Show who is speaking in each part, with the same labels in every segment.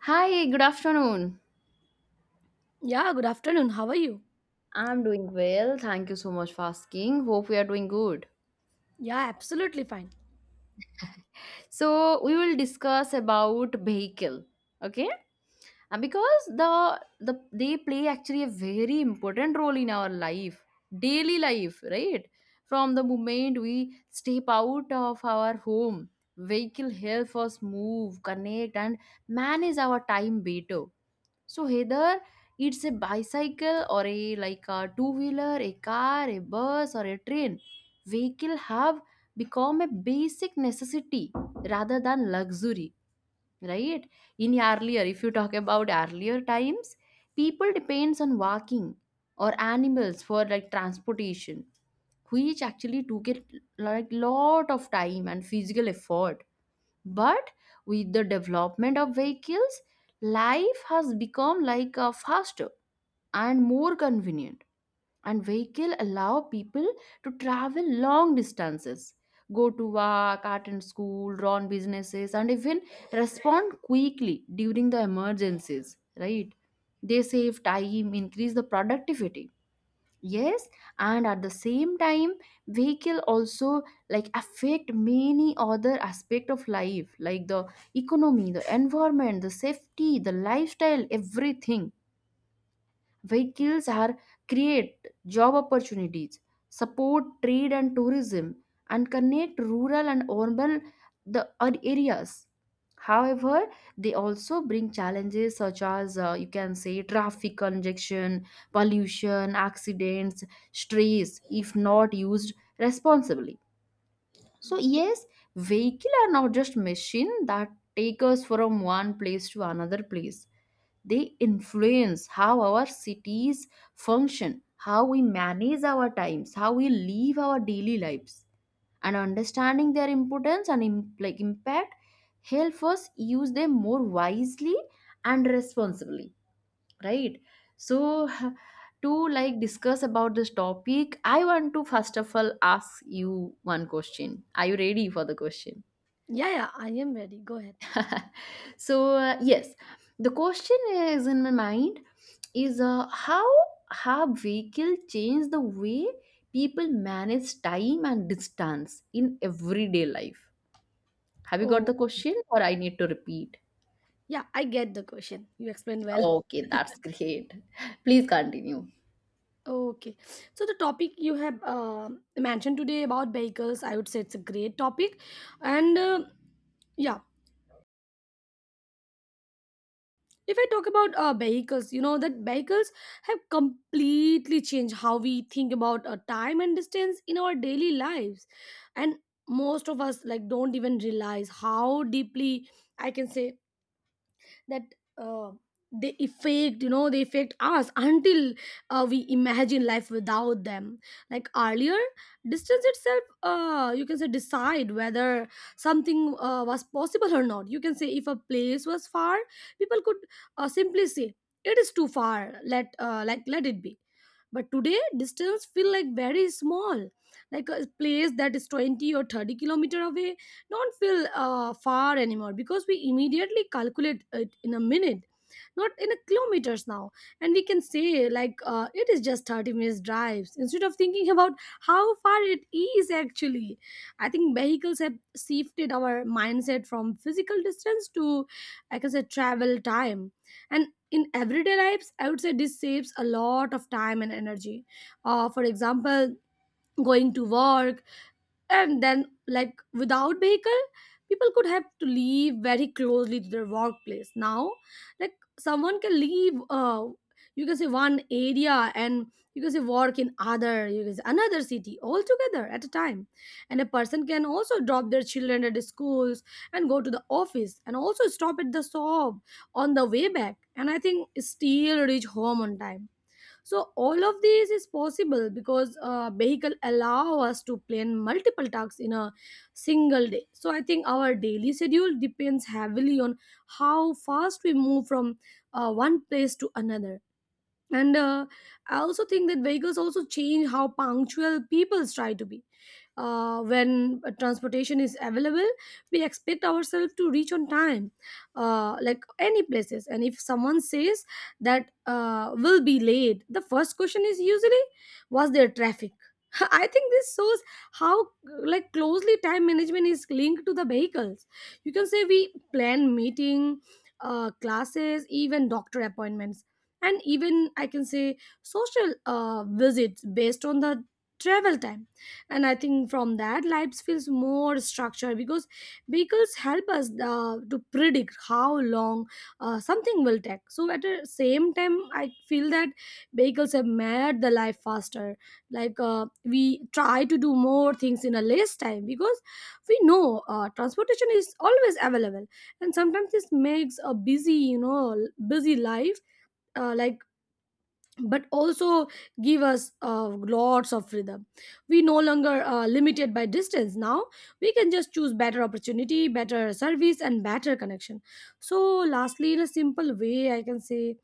Speaker 1: Hi, good afternoon.
Speaker 2: Yeah, good afternoon. How are you?
Speaker 1: I'm doing well. Thank you so much for asking. Hope we are doing good.
Speaker 2: Yeah, absolutely fine.
Speaker 1: So, we will discuss about vehicle, okay? And because the they play actually a very important role in our life, daily life, right? From the moment we step out of our home, vehicle help us move, connect and manage our time better. So either it's a bicycle or a like a two-wheeler, a car, a bus or a train. Vehicle have become a basic necessity rather than luxury, right? In earlier, if you talk about earlier times, people depends on walking or animals for like transportation, which actually took a like lot of time and physical effort. But with the development of vehicles, life has become like a faster and more convenient. And vehicle allow people to travel long distances, go to work, attend school, run businesses, and even respond quickly during the emergencies. Right? They save time, increase the productivity, yes, and at the same time vehicle also like affect many other aspect of life like the economy, the environment, the safety, the lifestyle, everything. Vehicles are create job opportunities, support trade and tourism, and connect rural and urban areas. However, they also bring challenges such as you can say traffic congestion, pollution, accidents, stress if not used responsibly. So yes, vehicle are not just machine that take us from one place to another place. They influence how our cities function, how we manage our times, how we live our daily lives. And understanding their importance and like impact help us use them more wisely and responsibly, right? So to like discuss about this topic, I want to first of all ask you one question. Are you ready for the question?
Speaker 2: Yeah, yeah, I am ready. Go ahead.
Speaker 1: So yes, the question is in my mind is, how have vehicle changed the way people manage time and distance in everyday life? Have you got
Speaker 2: Oh,
Speaker 1: the question or I need to repeat?
Speaker 2: yeah, I get the question. You explained well.
Speaker 1: Okay, that's great. Please continue.
Speaker 2: Okay. So the topic you have mentioned today about vehicles, I would say it's a great topic. And uh, yeah, if I talk about vehicles, you know that vehicles have completely changed how we think about time and distance in our daily lives. And most of us like don't even realize how deeply I can say that uh, they affect you know they affect us until we imagine life without them. Like earlier, distance itself you can say decide whether something was possible or not. You can say if a place was far, people could simply say it is too far, let it be. But today distance feel like very small, like a place that is 20 or 30 kilometer away don't feel far anymore, because we immediately calculate it in a minute, not in a kilometers now, and we can say it is just 30 minutes drives instead of thinking about how far it is actually. I think vehicles have shifted our mindset from physical distance to, I can say, travel time. And in everyday lives I would say this saves a lot of time and energy. For example, going to work, and then like without vehicle, people could have to leave very closely to their workplace. Now like someone can leave you can say one area and you can say work in other, you can say another city altogether at a time. And a person can also drop their children at the schools and go to the office and also stop at the shop on the way back and I think still reach home on time. So all of these is possible because vehicle allow us to plan multiple tasks in a single day. So I think our daily schedule depends heavily on how fast we move from one place to another. And I also think that vehicles also change how punctual people try to be when transportation is available. We expect ourselves to reach on time, like any places. And if someone says that will be late, the first question is usually, was there traffic? I think this shows how like closely time management is linked to the vehicles. You can say we plan meeting, classes, even doctor appointments, and even I can say social visits based on the travel time. And I think from that lives feels more structured because vehicles help us to predict how long something will take. So at the same time I feel that vehicles have made the life faster. Like we try to do more things in a less time because we know transportation is always available, and sometimes this makes a busy, busy life. Uh, like but also give us lots of freedom. We no longer are limited by distance now. We can just choose better opportunity, better service and better connection. So lastly, in a simple way I can say,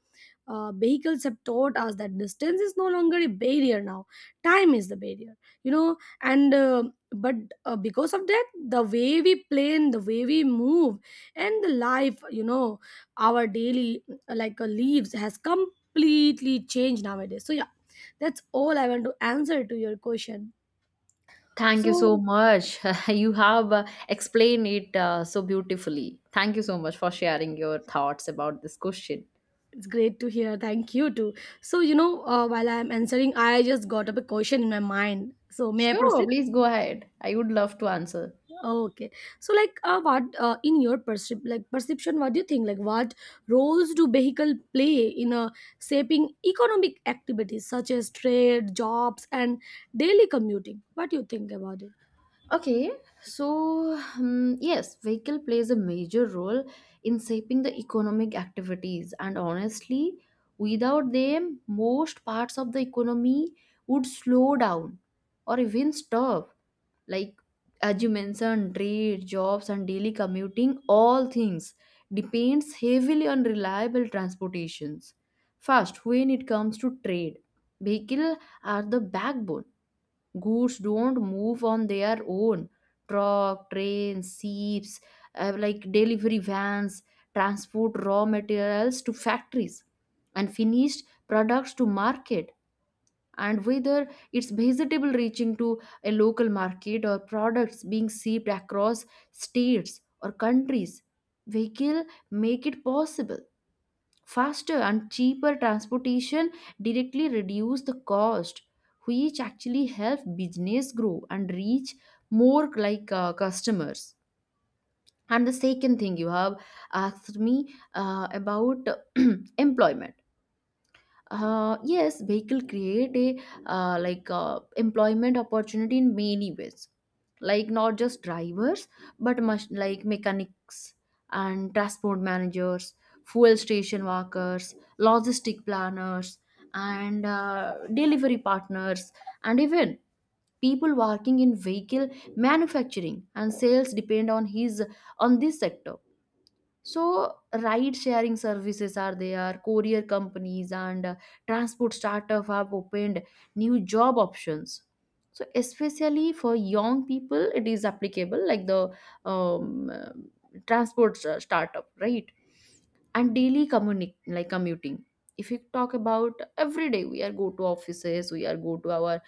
Speaker 2: vehicles have taught us that distance is no longer a barrier now, time is the barrier, you know. And uh, but uh, because of that, the way we plan, the way we move, and the life, you know, our daily lives has completely changed nowadays. So yeah, that's all I want to answer to your question.
Speaker 1: Thank you so
Speaker 2: So
Speaker 1: much. You have explained it so beautifully. Thank you so much for sharing your thoughts about this question.
Speaker 2: it's great to hear, thank you too. So you know, while I'm answering I just got up a question in my mind, so may I
Speaker 1: Sure,
Speaker 2: proceed?
Speaker 1: please go ahead. I would love to answer.
Speaker 2: Okay. So like what in your perception, what do you think, like what roles do vehicle play in shaping economic activities such as trade, jobs and daily commuting? What do you think about it?
Speaker 1: Okay, so yes, vehicle plays a major role in shaping the economic activities, and honestly, without them, most parts of the economy would slow down or even stop. Like as you mentioned, trade, jobs, and daily commuting, all things depends heavily on reliable transportations. First, when it comes to trade, vehicles are the backbone. Goods don't move on their own. Truck, trains, ships, like delivery vans transport raw materials to factories and finished products to market. And whether it's vegetable reaching to a local market or products being shipped across states or countries, vehicle make it possible. Faster and cheaper transportation directly reduce the cost, which actually help business grow and reach more like customers. And the second thing you have asked me about employment. Uh, yes vehicle create a employment opportunity in many ways, like not just drivers, but much like mechanics and transport managers, fuel station workers, logistic planners, and delivery partners. And even people working in vehicle manufacturing and sales depend on his on this sector. So ride sharing services are there, courier companies, and transport startup have opened new job options. So, especially for young people, it is applicable like the um, uh, transport startup, right? And like commuting. If you talk about every day, we are go to offices, we are go to our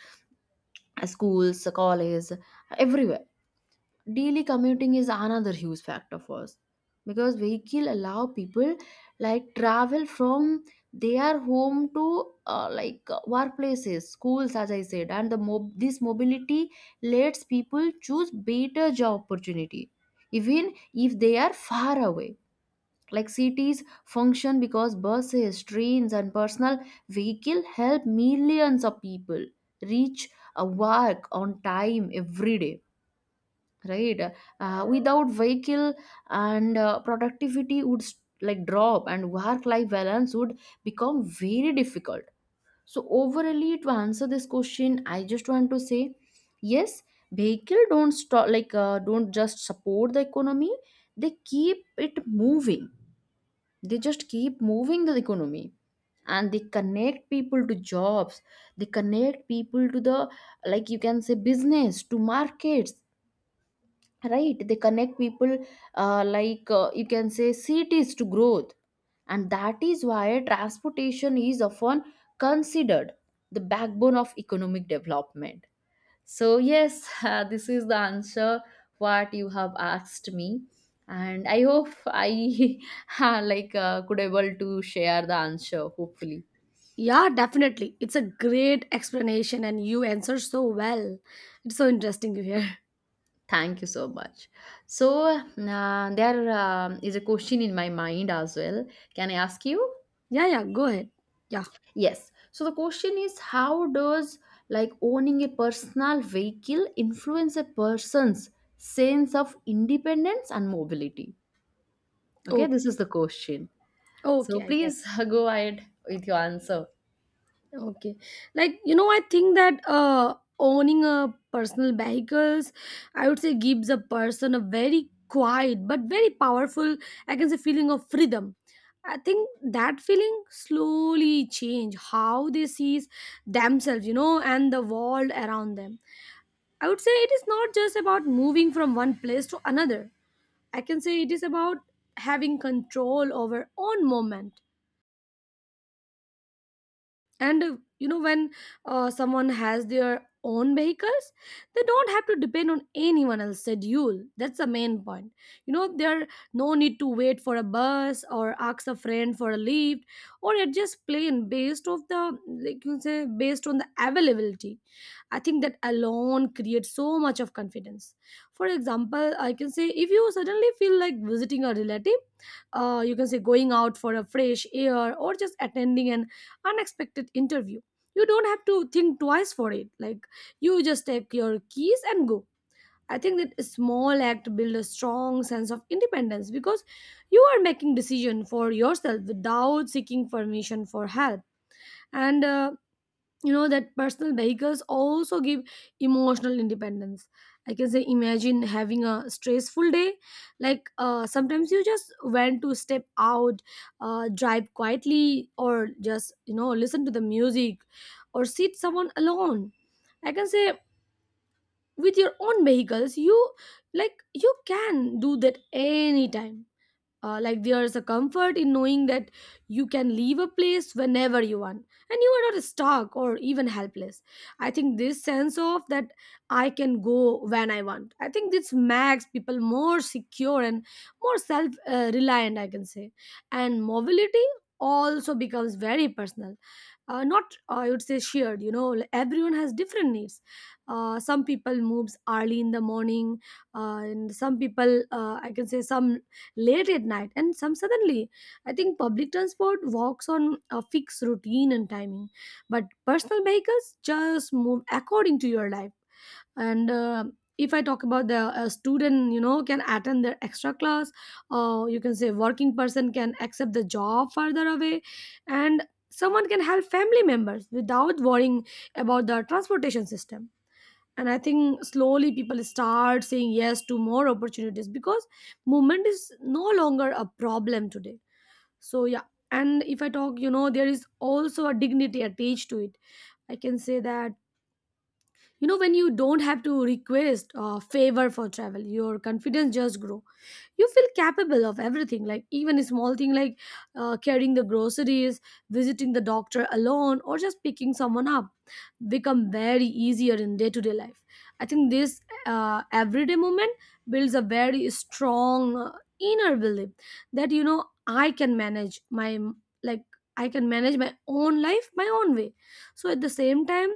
Speaker 1: schools, college, everywhere. Daily commuting is another huge factor for us because vehicle allow people like travel from their home to workplaces, schools, as I said. And this mobility lets people choose better job opportunity, even if they are far away. Like cities function because buses, trains and personal vehicle help millions of people reach a work on time every day, right? Without vehicle and productivity would like drop and work life balance would become very difficult. So overally to answer this question I just want to say, yes, vehicle don't stop like don't just support the economy, they keep it moving. They just keep moving the economy. And they connect people to jobs, they connect people to the, like you can say, business to markets, right? They connect people you can say cities to growth. And that is why transportation is often considered the backbone of economic development. So yes, this is the answer what you have asked me. And I hope I could able to share the answer hopefully.
Speaker 2: Yeah, definitely. It's a great explanation and you answer so well. It's so interesting to hear.
Speaker 1: Thank you so much. So there is a question in my mind as well. Can I ask you?
Speaker 2: Yeah, yeah, go ahead. Yeah.
Speaker 1: Yes. So the question is, how does like owning a personal vehicle influence a person's sense of independence and mobility? Okay,
Speaker 2: Oh,
Speaker 1: this is the question.
Speaker 2: okay,
Speaker 1: So
Speaker 2: I get.
Speaker 1: please go ahead with your answer.
Speaker 2: Okay. Like, you know, I think that owning a personal vehicles, I would say gives a person a very quiet but very powerful, I can say, feeling of freedom. I think that feeling slowly change how they sees themselves, you know, and the world around them. I would say it is not just about moving from one place to another. I can say it is about having control over own moment. And you know when someone has their own vehicles, they don't have to depend on anyone else's schedule. That's the main point. You know, there no need to wait for a bus or ask a friend for a lift, or adjust plan based of the, like you say, based on the availability. I think that alone creates so much of confidence. For example, I can say if you suddenly feel like visiting a relative, you can say going out for a fresh air or just attending an unexpected interview. You don't have to think twice for it. Like you just take your keys and go. I think that a small act build a strong sense of independence, because you are making decision for yourself without seeking permission for help. And you know that personal vehicles also give emotional independence. I can say, imagine having a stressful day. Sometimes you just want to step out, drive quietly, or just, you know, listen to the music, or sit someone alone. I can say with your own vehicles you, like, you can do that anytime. There's a comfort in knowing that you can leave a place whenever you want, and you are not stuck or even helpless. I think this sense of that, I can go when I want, I think this makes people more secure and more self reliant, I can say. And mobility also becomes very personal, not, I would say, shared, you know. Like, everyone has different needs. Some people moves early in the morning, and some people I can say some late at night, and some suddenly. I think public transport walks on a fixed routine and timing, but personal vehicles just move according to your life. And if I talk about the student, you know, can attend their extra class, or you can say working person can accept the job further away, and someone can help family members without worrying about the transportation system. And I think slowly people start saying yes to more opportunities because movement is no longer a problem today. So yeah, and if I talk, you know, there is also a dignity attached to it. I can say that, you know, when you don't have to request a favor for travel, your confidence just grow. You feel capable of everything. Like even a small thing like carrying the groceries, visiting the doctor alone, or just picking someone up become very easier in day-to-day life. I think this everyday moment builds a very strong inner belief that, you know, I can manage my, like, I can manage my own life my own way. So at the same time,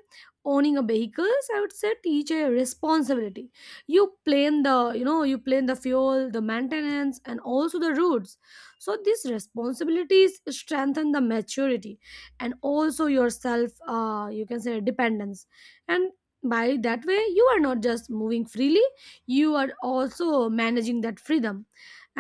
Speaker 2: owning a vehicles, I would say, teach a responsibility. You plan the, you know, you plan the fuel, the maintenance and also the routes. So these responsibilities strengthen the maturity and also yourself, you can say, dependence. And by that way, you are not just moving freely, you are also managing that freedom.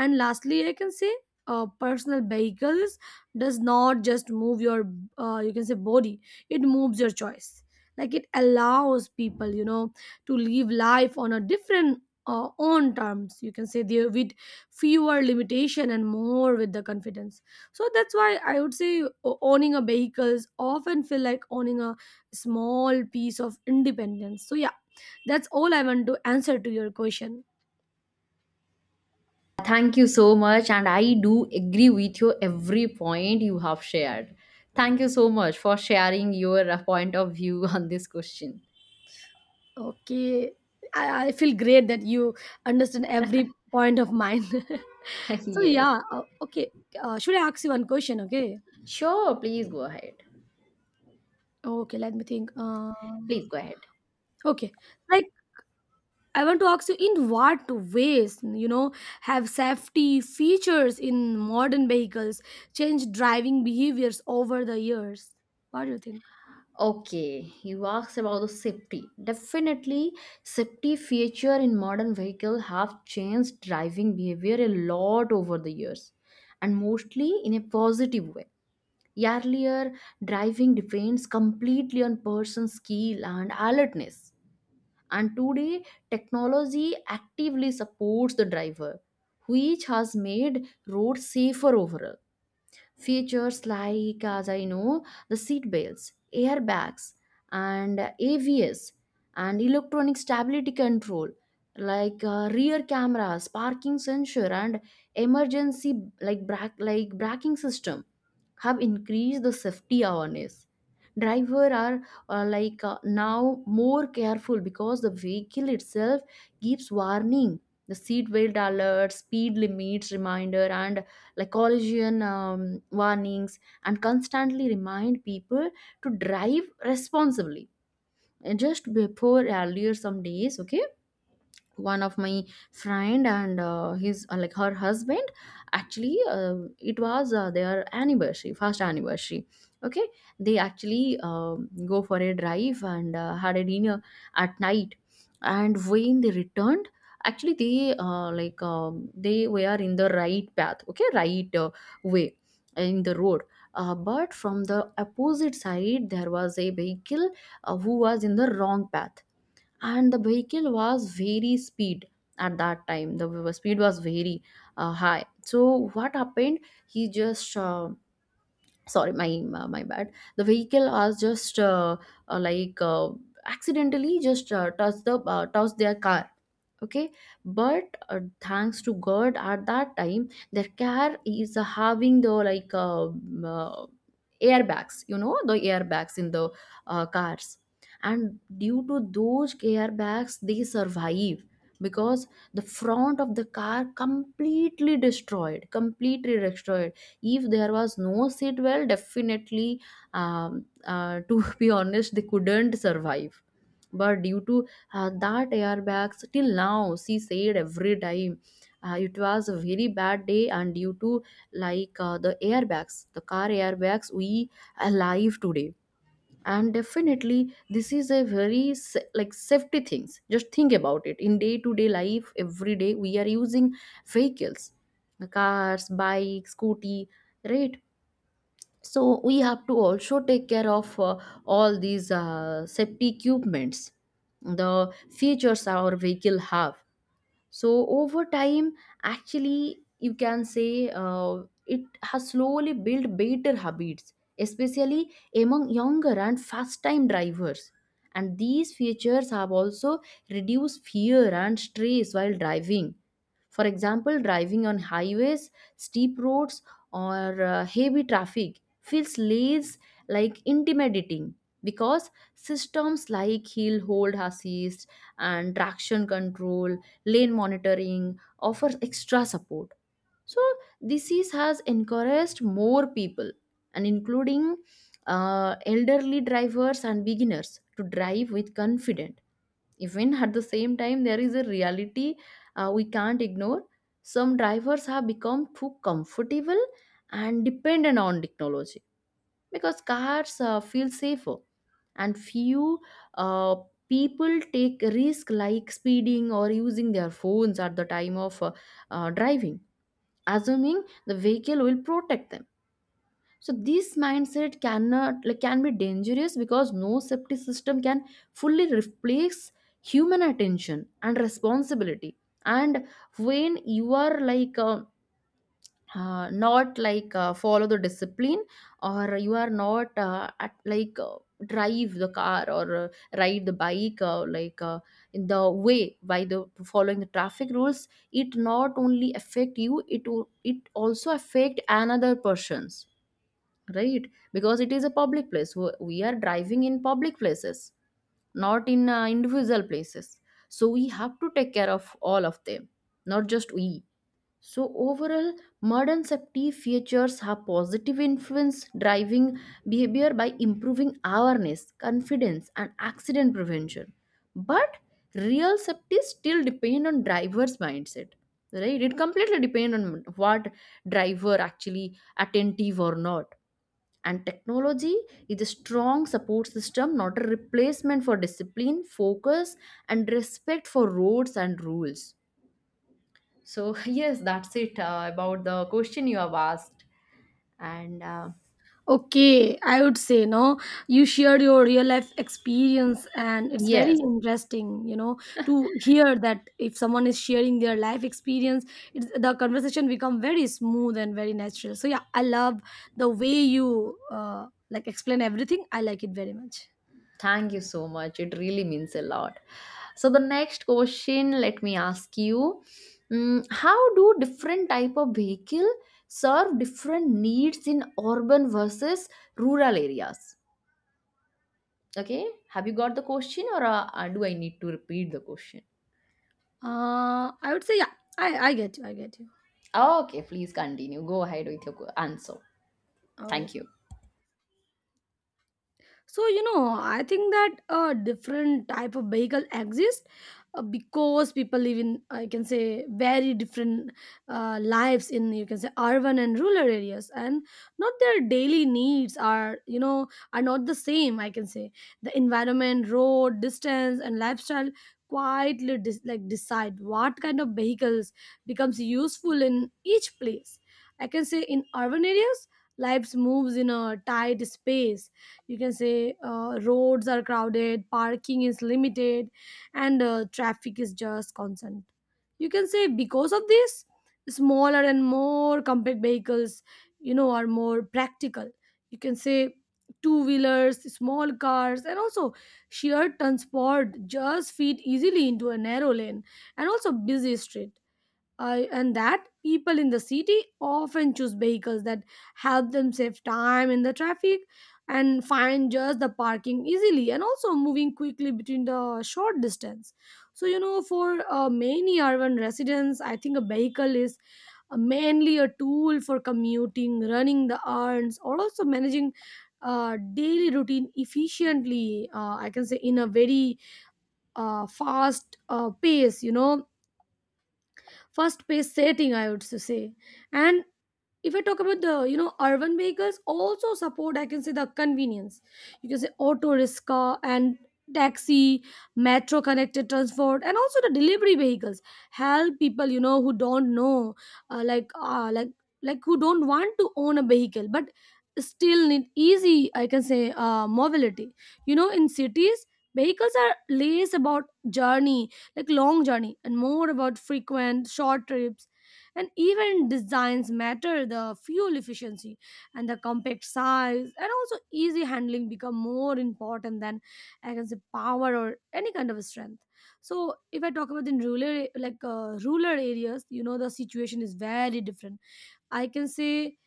Speaker 2: And lastly I can say, personal vehicles does not just move your, you can say, body, it moves your choice. Like it allows people, you know, to live life on a different, own terms, you can say, there with fewer limitation and more with the confidence. So that's why I would say owning a vehicles often feel like owning a small piece of independence. So yeah, that's all I want to answer to your question.
Speaker 1: Thank you so much, and I do agree with you every point you have shared. Thank you so much for sharing your point of view on this question.
Speaker 2: Okay. I feel great that you understand every point of mine. So
Speaker 1: Yes.
Speaker 2: yeah, okay. Should I ask you one question? Okay.
Speaker 1: Sure, please go ahead.
Speaker 2: Okay, let me think,
Speaker 1: Please go ahead.
Speaker 2: okay. Like, I want to ask you, in what ways, you know, have safety features in modern vehicles changed driving behaviors over the years? What do you think?
Speaker 1: Okay, you asked about the safety. Definitely, safety feature in modern vehicle have changed driving behavior a lot over the years, and mostly in a positive way. Earlier, driving depends completely on person's skill and alertness, and today technology actively supports the driver, which has made roads safer overall. Features like, as I know, the seat belts, airbags, and AVS, and electronic stability control, like rear cameras, parking sensor, and emergency like braking system, have increased the safety awareness. Driver are now more careful because the vehicle itself gives warning. The seat belt alert, speed limits reminder, and like collision warnings and constantly remind people to drive responsibly. And just before earlier some days, okay, one of my friend and his, like her husband, actually, it was their anniversary, first anniversary, okay, they actually go for a drive and had a dinner at night. And when they returned, actually they, they were in the right path, okay, right way in the road. But from the opposite side there was a vehicle who was in the wrong path, and the vehicle was very speed. At that time the speed was very high. So what happened, he just sorry, my bad, the vehicle was just uh, like uh, accidentally just touched the, touched their car, okay. But thanks to god, at that time their car is having the like airbags, you know, the airbags in the cars. And due to those airbags they survive, because the front of the car completely destroyed, completely destroyed. If there was no seat well, definitely, to be honest, they couldn't survive. But due to that airbags, till now she said every time, it was a very bad day, and due to the airbags, the car airbags, we alive today. And definitely this is a very like safety things. Just think about it in day to day life, every day we are using vehicles, cars, bike, scooty, right? So we have to also take care of all these safety equipments, the features our vehicle have. So over time, actually you can say it has slowly built better habits, especially among younger and fast time drivers. And these features have also reduced fear and stress while driving. For example, driving on highways, steep roads, or heavy traffic feels less like intimidating, because systems like hill hold assist and traction control, lane monitoring offers extra support. So this has encouraged more people and including elderly drivers and beginners to drive with confidence. Even at the same time there is a reality we can't ignore. Some drivers have become too comfortable and dependent on technology because cars feel safer, and few uh, people take risk like speeding or using their phones at the time of driving, assuming the vehicle will protect them. So this mindset cannot like can be dangerous because no safety system can fully replace human attention and responsibility. And when you are not follow the discipline, or you are not at, like drive the car, or ride the bike in the way by the following the traffic rules, it not only affect you, it also affect another persons, right? Because it is a public place. We are driving in public places, not in individual places, so we have to take care of all of them, not just we. So overall, modern safety features have positive influence driving behavior by improving awareness, confidence and accident prevention, but real safety still depend on driver's mindset. Right, it completely depend on what driver actually attentive or not. And technology is a strong support system, not a replacement for discipline, focus and respect for roads and rules. So yes, that's it about the question you have asked. And
Speaker 2: Okay, I would say no. You shared your real life experience, and it's very
Speaker 1: yes,
Speaker 2: interesting, you know, to hear that if someone is sharing their life experience, it's, the conversation become very smooth and very natural. So yeah, I love the way you like explain everything. I like it very much.
Speaker 1: thank you so much, it really means a lot. So the next question, let me ask you. Mm, how do different type of vehicle serve different needs in urban versus rural areas? Okay, have you got the question, or do I need to repeat the question?
Speaker 2: I would say yeah. I get you. I get you.
Speaker 1: Okay, please continue. Go ahead with your answer.
Speaker 2: Oh,
Speaker 1: Thank you.
Speaker 2: So I think that a different type of vehicle exists because people live in, I can say, very different lives in, you can say, urban and rural areas. And not their daily needs are, are not the same, I can say. The environment, road, distance, and lifestyle quietly decide what kind of vehicles becomes useful in each place. I can say in urban areas, lives moves in a tight space. You can say roads are crowded, parking is limited, and traffic is just constant. You can say because of this, smaller and more compact vehicles, are more practical. You can say two wheelers, small cars, and also shared transport just fit easily into a narrow lane and also busy street. I and That people in the city often choose vehicles that help them save time in the traffic and find just the parking easily, and also moving quickly between the short distance. So for many urban residents, I think a vehicle is mainly a tool for commuting, running the errands, or also managing daily routine efficiently. Uh, I can say in a very fast pace, fast paced setting, I would say. And if I talk about the, urban vehicles also support, I can say the convenience. You can say auto rickshaw and taxi, metro connected transport, and also the delivery vehicles help people, who don't know, uh, like uh, like who don't want to own a vehicle but still need easy, I can say, mobility. You know, in cities, vehicles are less about journey, like long journey, and more about frequent short trips. And even designs matter, the fuel efficiency and the compact size and also easy handling become more important than, I can say, power or any kind of strength. So if I talk about in rural a- like rural areas, you know, the situation is very different, I can say.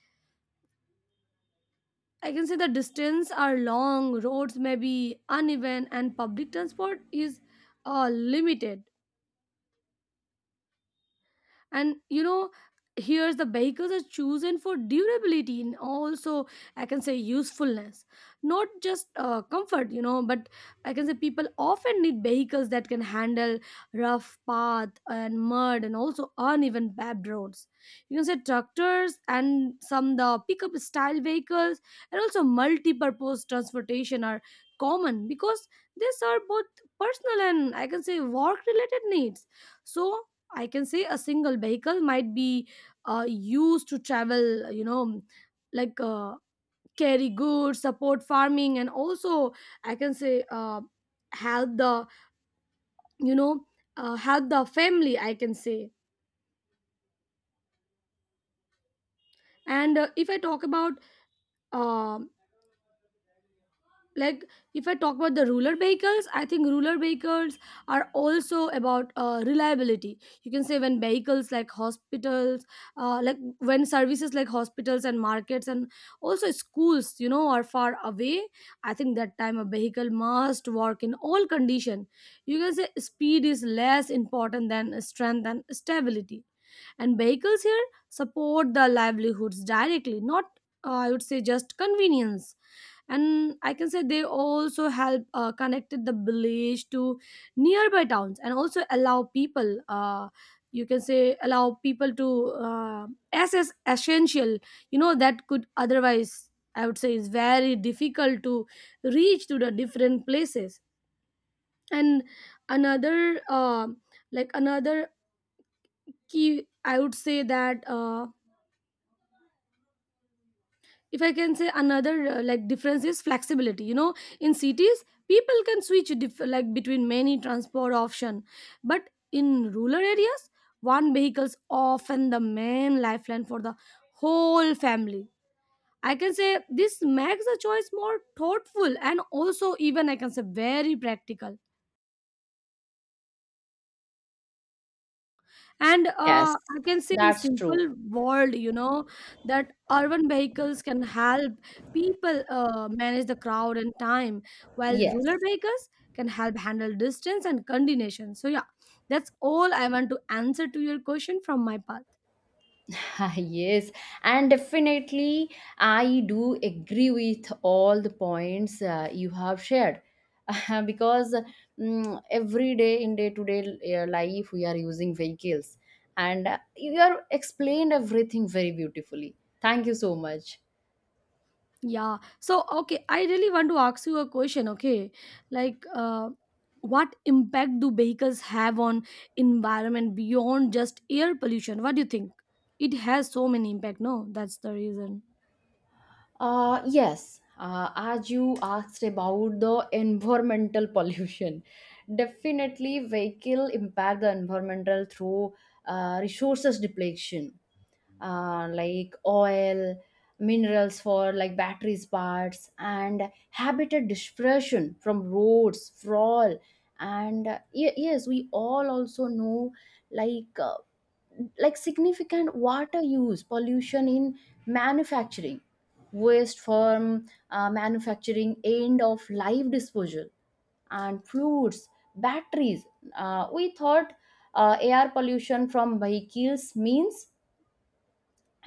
Speaker 2: I can say the distance are long, roads may be uneven, and public transport is uh, limited. And you know, here the vehicles are chosen for durability and also, I can say, usefulness, not just comfort, you know. But I can say people often need vehicles that can handle rough path and mud and also uneven paved roads. You can say tractors and some the pickup style vehicles and also multi-purpose transportation are common because they serve both personal and, I can say, work related needs. So I can say a single vehicle might be used to travel, like uh, carry goods, support farming, and also I can say help the, you know, help the family, I can say. And if I talk about um like if I talk about the rural vehicles, I think rural vehicles are also about reliability. You can say when vehicles like hospitals like when services like hospitals and markets and also schools, you know, are far away, I think that time a vehicle must work in all condition. You can say speed is less important than strength and stability, and vehicles here support the livelihoods directly, not I would say just convenience. And I can say they also help connected the village to nearby towns, and also allow people you can say allow people to uh, access essential, you know, that could otherwise, I would say, is very difficult to reach to the different places. And another uh, another key, I would say that if I can say another, difference is flexibility. You know, in cities people can switch between many transport option, but in rural areas, one vehicle's often the main lifeline for the whole family, I can say. This makes the choice more thoughtful and also, even I can say, very practical. And
Speaker 1: Yes,
Speaker 2: I can say in
Speaker 1: that's true.
Speaker 2: simple world, you know, that urban vehicles can help people manage the crowd and time, while
Speaker 1: Yes.
Speaker 2: rural vehicles can help handle distance and coordination. So yeah, that's all I want to answer to your question from my part.
Speaker 1: Yes, and definitely I do agree with all the points you have shared. Because mm, every day in day to day life we are using vehicles, and you have explained everything very beautifully. Thank you so much.
Speaker 2: Yeah. So, okay, I really want to ask you a question, okay? Like, what impact do vehicles have on environment beyond just air pollution? What do you think? It has so many impact, no? That's the reason.
Speaker 1: Yes, as you asked about the environmental pollution, definitely vehicle impact the environmental through resources depletion, like oil, minerals for like batteries parts, and habitat dispersion from roads, sprawl, and yes, we all also know like uh, like significant water use pollution in manufacturing, waste from manufacturing, end of life disposal, and fluids, batteries. We thought air pollution from vehicles means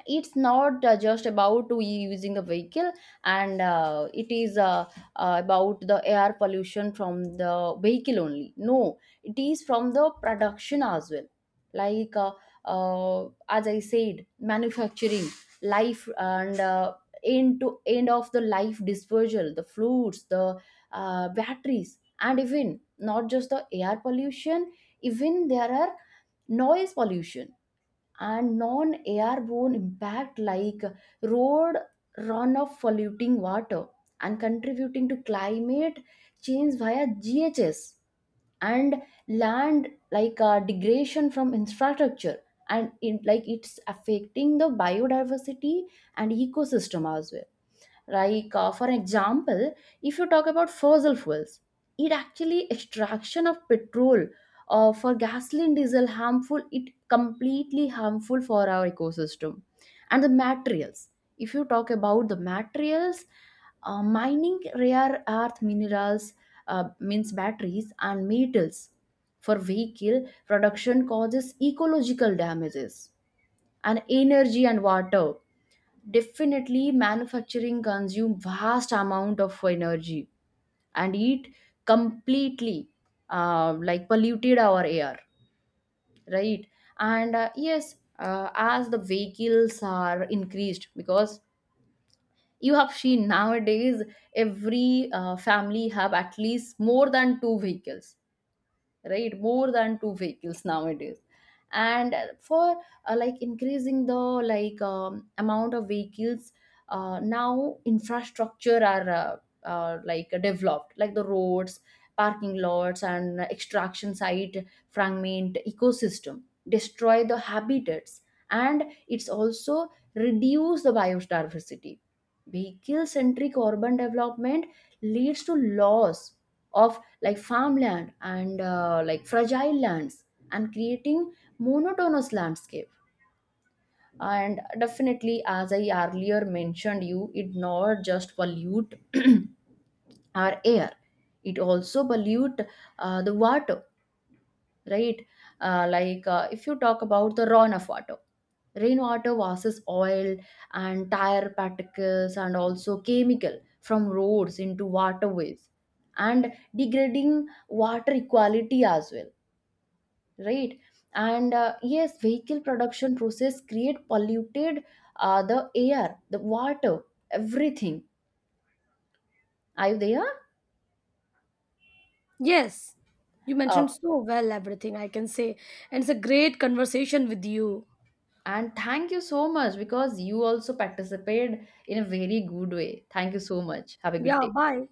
Speaker 1: it's not just about we using the vehicle, and it is about the air pollution from the vehicle only, no, it is from the production as well. like uh, as I said, manufacturing life and end to end of the life disposal, the fluids, the batteries. And even not just the air pollution, even there are noise pollution and non airborne impact like road runoff polluting water and contributing to climate change via GHS, and land degradation from infrastructure, and like it's affecting the biodiversity and ecosystem as well. For example, if you talk about fossil fuels, it actually extraction of petrol for gasoline diesel, harmful, it completely harmful for our ecosystem. And the materials, if you talk about the materials, mining rare earth minerals, means batteries and metals for vehicle production, causes ecological damages. And energy and water, definitely manufacturing consume vast amount of energy, and it completely like polluted our air, right? And yes, as the vehicles are increased, because you have seen nowadays every family have at least more than two vehicles, right? More than two vehicles nowadays. And for like increasing the amount of vehicles, now infrastructure are like developed, like the roads, parking lots, and extraction site fragment ecosystem, destroy the habitats, and it's also reduce the biodiversity. Vehicle centric urban development leads to loss of like farmland and like fragile lands, and creating monotonous landscape. And definitely, as I earlier mentioned you, it not just pollute our air, it also pollute the water, right? If you talk about the runoff water, rainwater versus oil and tire particles and also chemical from roads into waterways, and degrading water equality as well, right? And yes, vehicle production process create polluted the air, the water, everything. Are you there?
Speaker 2: Yes. You
Speaker 1: uh,
Speaker 2: mentioned so well everything, I can say. And it's a great conversation with you.
Speaker 1: and thank you so much, because you also participated in a very good way. Thank you so much, have a good
Speaker 2: Yeah,
Speaker 1: day.
Speaker 2: bye.